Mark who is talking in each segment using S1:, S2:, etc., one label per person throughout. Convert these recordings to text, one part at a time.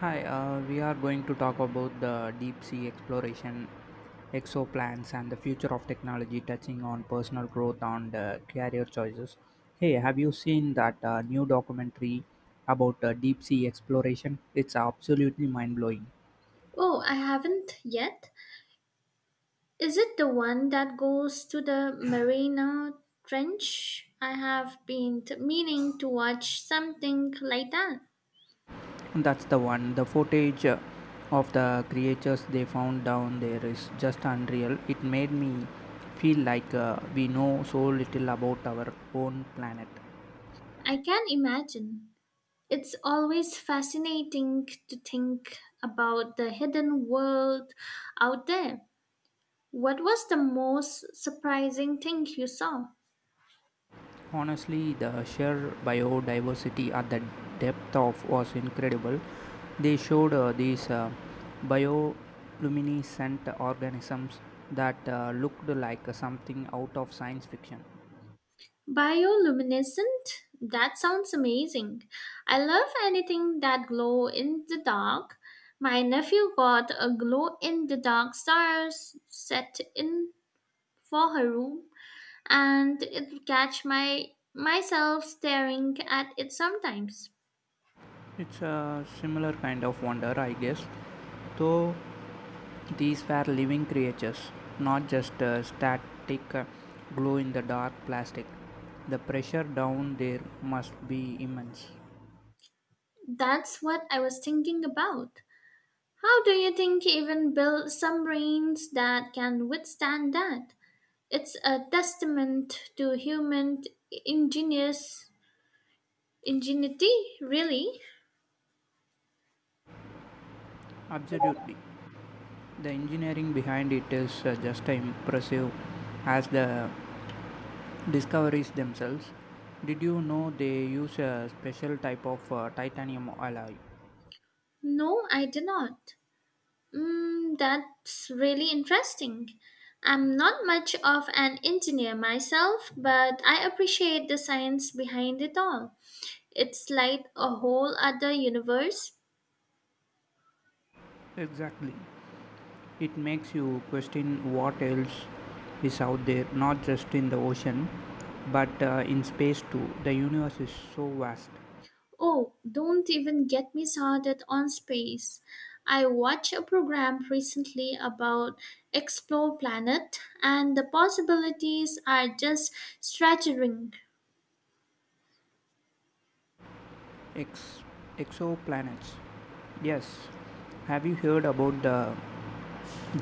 S1: Hi, we are going to talk about the deep sea exploration, exoplanets, and the future of technology, touching on personal growth and career choices. Hey, have you seen that new documentary about deep sea exploration? It's absolutely mind blowing.
S2: Oh, I haven't yet. Is it the one that goes to the Marina Trench? I have been meaning to watch something like that.
S1: That's the one. The footage of the creatures they found down there is just unreal. It made me feel like we know so little about our own planet.
S2: I can imagine. It's always fascinating to think about the hidden world out there. What was the most surprising thing you saw?
S1: Honestly, the sheer biodiversity at the depth of was incredible. They showed these bioluminescent organisms that looked like something out of science fiction.
S2: Bioluminescent? That sounds amazing. I love anything that glow in the dark. My nephew got a glow in the dark star set in for her room and it catch my myself staring at it sometimes.
S1: It's a similar kind of wonder, I guess. Though these were living creatures, not just static glow in the dark plastic. The pressure down there must be immense.
S2: That's what I was thinking about. How do you think even build some brains that can withstand that? It's a testament to human ingenious. Ingenuity? Really?
S1: Absolutely. The engineering behind it is just impressive as the discoveries themselves. Did you know they use a special type of titanium alloy?
S2: No, I did not. Mm, that's really interesting. I'm not much of an engineer myself, but I appreciate the science behind it all. It's like a whole other universe.
S1: Exactly. It makes you question what else is out there, not just in the ocean, but in space too. The universe is so vast.
S2: Oh, don't even get me started on space. I watched a program recently about explore planet and the possibilities are just staggering.
S1: Ex- exoplanets. Yes. Have you heard about the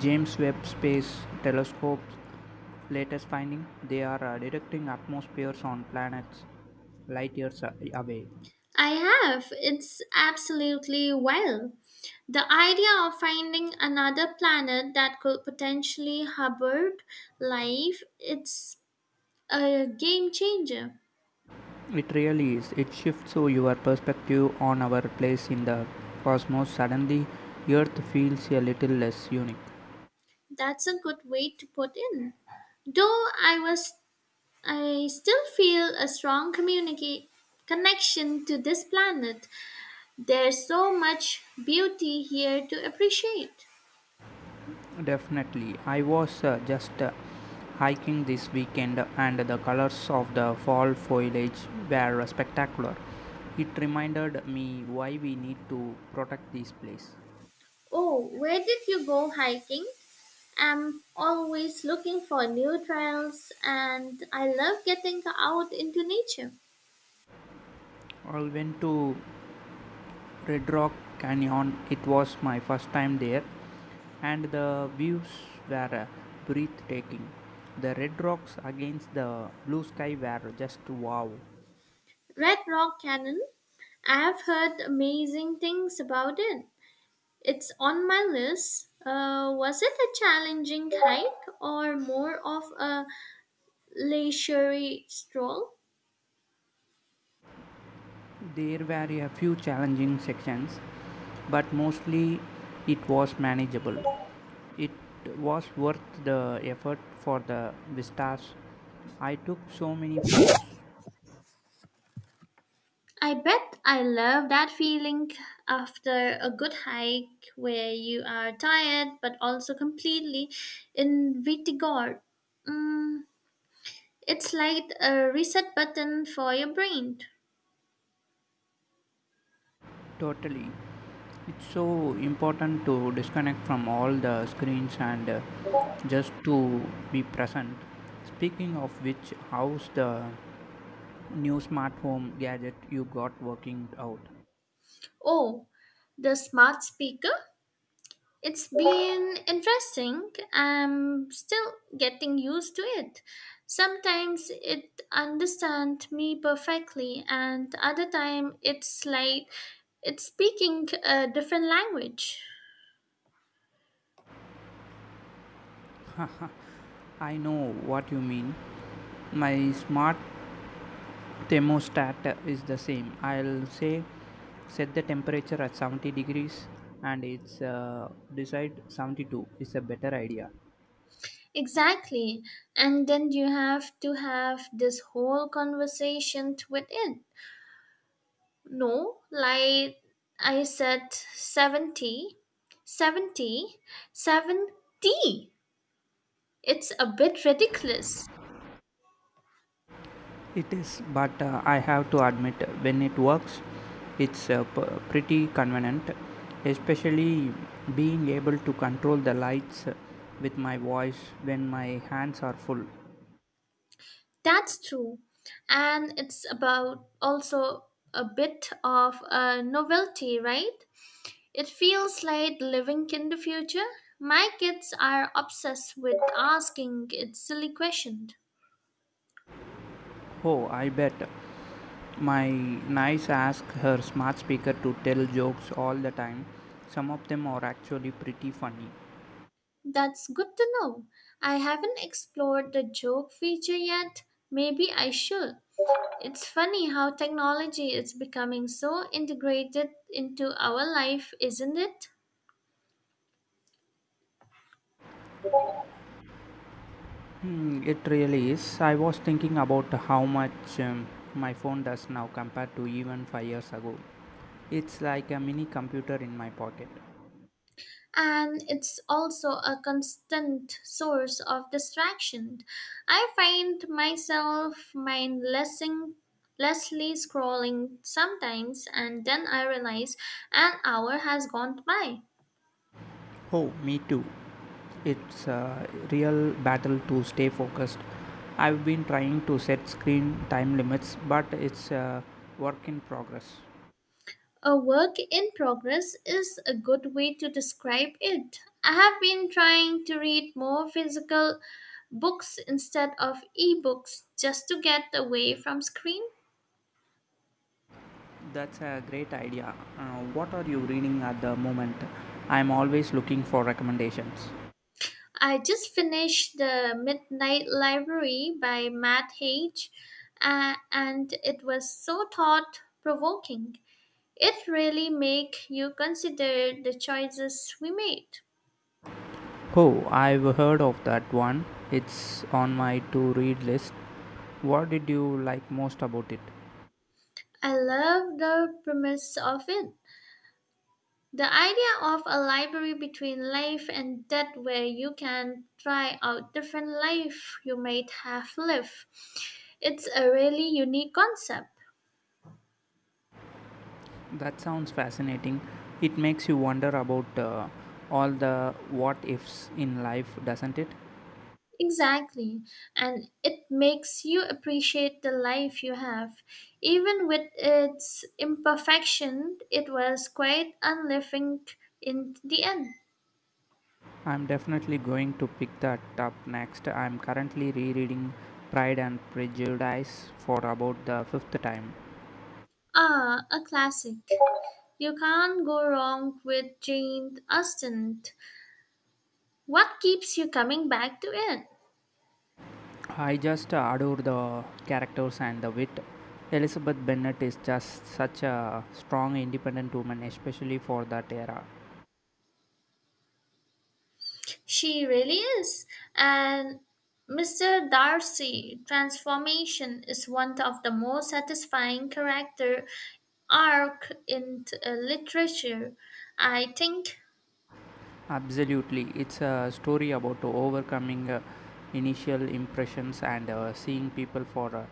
S1: James Webb Space Telescope latest finding? They are detecting atmospheres on planets light years away.
S2: I have. It's absolutely wild. The idea of finding another planet that could potentially harbor life, it's a game changer.
S1: It really is. It shifts so your perspective on our place in the cosmos. Suddenly, Earth feels a little less unique.
S2: That's a good way to put in. Though I still feel a strong communicate connection to this planet. There's so much beauty here to appreciate.
S1: Definitely. I was just hiking this weekend and the colors of the fall foliage were spectacular. It reminded me why we need to protect this place.
S2: Oh, where did you go hiking? I'm always looking for new trails and I love getting out into nature.
S1: I went to Red Rock Canyon. It was my first time there, and the views were breathtaking. The red rocks against the blue sky were just wow.
S2: Red Rock Canyon, I have heard amazing things about it. It's on my list. Was it a challenging hike or more of a leisurely stroll?
S1: There were a few challenging sections, but mostly it was manageable. It was worth the effort for the vistas. I took so many photos.
S2: I bet. I love that feeling after a good hike where you are tired but also completely invigorated. Mm, it's like a reset button for your brain.
S1: Totally. It's so important to disconnect from all the screens and just to be present. Speaking of which, how's the new smart home gadget you got working out?
S2: Oh, the smart speaker? It's been interesting. I'm still getting used to it. Sometimes it understands me perfectly, and other time it's like it's speaking a different language.
S1: I know what you mean. My smart thermostat is the same. I'll say set the temperature at 70 degrees and it's decide 72 is a better idea.
S2: Exactly. And then you have to have this whole conversation with it. No, like I said, 70, 70, 70. It's a bit ridiculous.
S1: It is, but I have to admit, when it works, it's pretty convenient, especially being able to control the lights with my voice when my hands are full.
S2: That's true. And it's about also a bit of a novelty, right? It feels like living in the future. My kids are obsessed with asking it silly questions.
S1: Oh, I bet. My niece asks her smart speaker to tell jokes all the time. Some of them are actually pretty funny.
S2: That's good to know. I haven't explored the joke feature yet. Maybe I should. It's funny how technology is becoming so integrated into our life, isn't it?
S1: Hmm, it really is. I was thinking about how much my phone does now compared to even 5 years ago. It's like a mini computer in my pocket.
S2: And it's also a constant source of distraction. I find myself mindlessly scrolling sometimes, and then I realize an hour has gone by.
S1: Oh, me too. It's a real battle to stay focused. I've been trying to set screen time limits, but it's a work in progress.
S2: A work in progress is a good way to describe it. I have been trying to read more physical books instead of ebooks just to get away from screen.
S1: That's a great idea. What are you reading at the moment? I'm always looking for recommendations.
S2: I just finished The Midnight Library by Matt Haig, and it was so thought provoking. It really make you consider the choices we made.
S1: Oh, I've heard of that one. It's on my to read list. What did you like most about it?
S2: I love the premise of it. The idea of a library between life and death, where you can try out different life you might have lived, it's a really unique concept.
S1: That sounds fascinating. It makes you wonder about all the what ifs in life, doesn't it?
S2: Exactly, and it makes you appreciate the life you have. Even with its imperfection, it was quite unliving in the end.
S1: I'm definitely going to pick that up next. I'm currently rereading Pride and Prejudice for about the fifth time.
S2: Ah, a classic. You can't go wrong with Jane Austen. What keeps you coming back to it?
S1: I just adore the characters and the wit. Elizabeth Bennet is just such a strong, independent woman, especially for that era.
S2: She really is. And Mr. Darcy transformation is one of the most satisfying character arc in literature. I think
S1: Absolutely, it's a story about overcoming initial impressions and seeing people for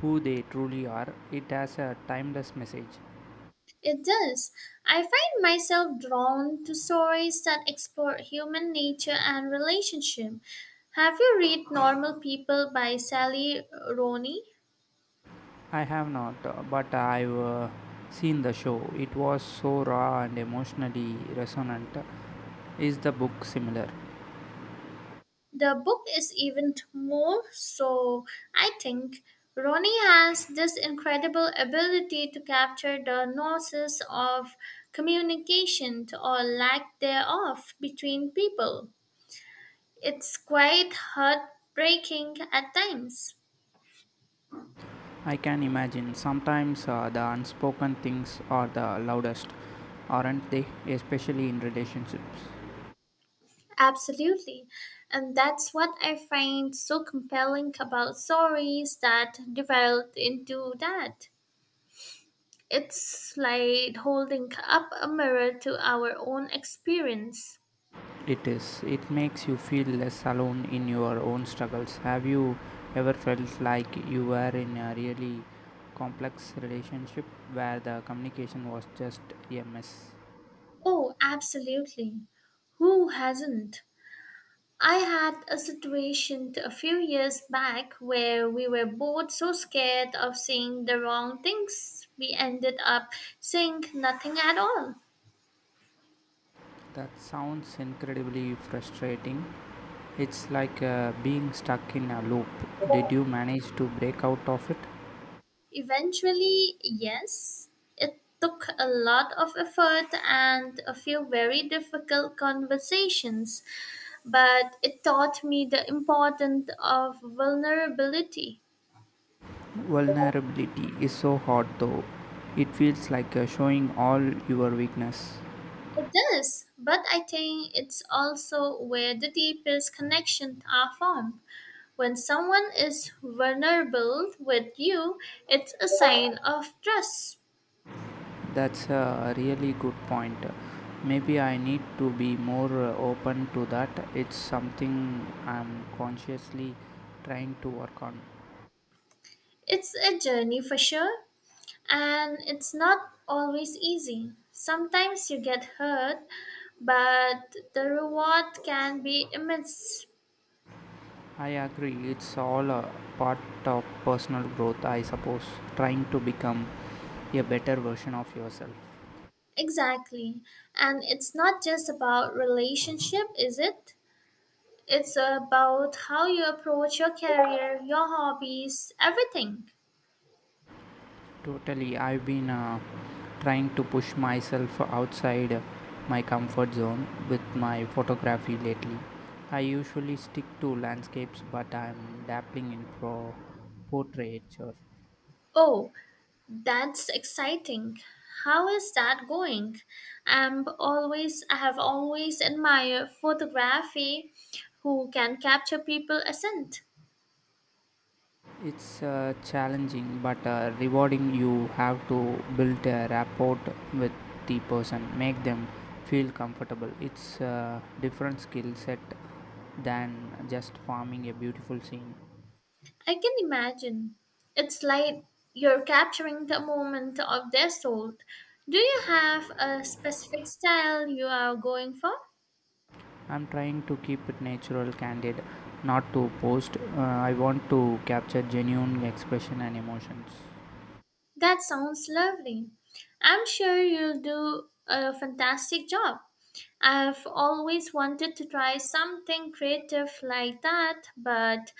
S1: who they truly are. It has a timeless message.
S2: it does. I find myself drawn to stories that explore human nature and relationship. Have you read Normal People by Sally Rooney?
S1: I have not, but I've seen the show. It was so raw and emotionally resonant. Is the book similar?
S2: The book is even more so, I think. Ronnie has this incredible ability to capture the nuances of communication or lack thereof between people. It's quite heartbreaking at times.
S1: I can imagine sometimes the unspoken things are the loudest, aren't they? Especially in relationships.
S2: Absolutely. And that's what I find so compelling about stories that develop into that. It's like holding up a mirror to our own experience.
S1: It is. It makes you feel less alone in your own struggles. Have you ever felt like you were in a really complex relationship where the communication was just a mess?
S2: Oh, absolutely. Who hasn't? I had a situation a few years back where we were both so scared of saying the wrong things, we ended up saying nothing at all.
S1: That sounds incredibly frustrating. It's like being stuck in a loop. Did you manage to break out of it?
S2: Eventually, yes, it took a lot of effort and a few very difficult conversations, but it taught me the importance of vulnerability.
S1: Vulnerability is so hard though. It feels like showing all your weakness.
S2: It does, but I think it's also where the deepest connections are formed. When someone is vulnerable with you, it's a sign of trust.
S1: That's a really good point. Maybe I need to be more open to that. It's something I'm consciously trying to work on.
S2: It's a journey for sure, and it's not always easy. Sometimes you get hurt, but the reward can be immense.
S1: I agree, it's all a part of personal growth, I suppose, trying to become a better version of yourself.
S2: Exactly. And it's not just about relationship, is it? It's about how you approach your career, your hobbies, everything.
S1: Totally. I've been trying to push myself outside my comfort zone with my photography lately. I usually stick to landscapes, but I'm dabbling in pro portraiture.
S2: Oh, that's exciting. How is that going? I have always admired photography who can capture people assent.
S1: It's challenging but rewarding. You have to build a rapport with the person, make them feel comfortable. It's a different skill set than just farming a beautiful scene.
S2: I can imagine. It's like you're capturing the moment of their soul. Do you have a specific style you are going for?
S1: I'm trying to keep it natural, candid, not too posed. I want to capture genuine expression and emotions.
S2: That sounds lovely. I'm sure you'll do a fantastic job. I've always wanted to try something creative like that, but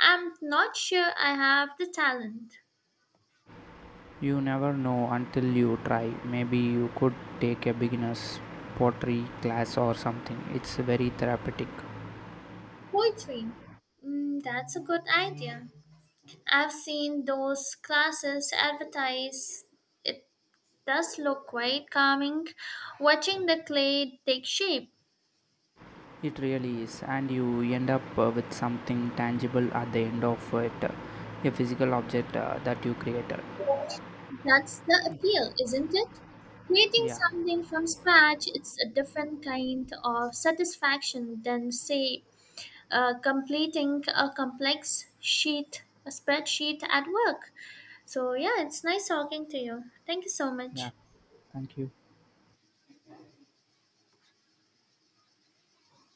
S2: I'm not sure I have the talent.
S1: You never know until you try. Maybe you could take a beginner's pottery class or something. It's very therapeutic.
S2: Poetry. Mm, that's a good idea. I've seen those classes advertised. Does look quite calming watching the clay take shape.
S1: It really is, and you end up with something tangible at the end of it, a physical object that you created.
S2: That's the appeal, isn't it? Creating
S1: Yeah,
S2: something from scratch, it's a different kind of satisfaction than, say, completing a spreadsheet at work. So, yeah, it's nice talking to you. Thank you so
S1: yeah,
S2: much.
S1: thank you.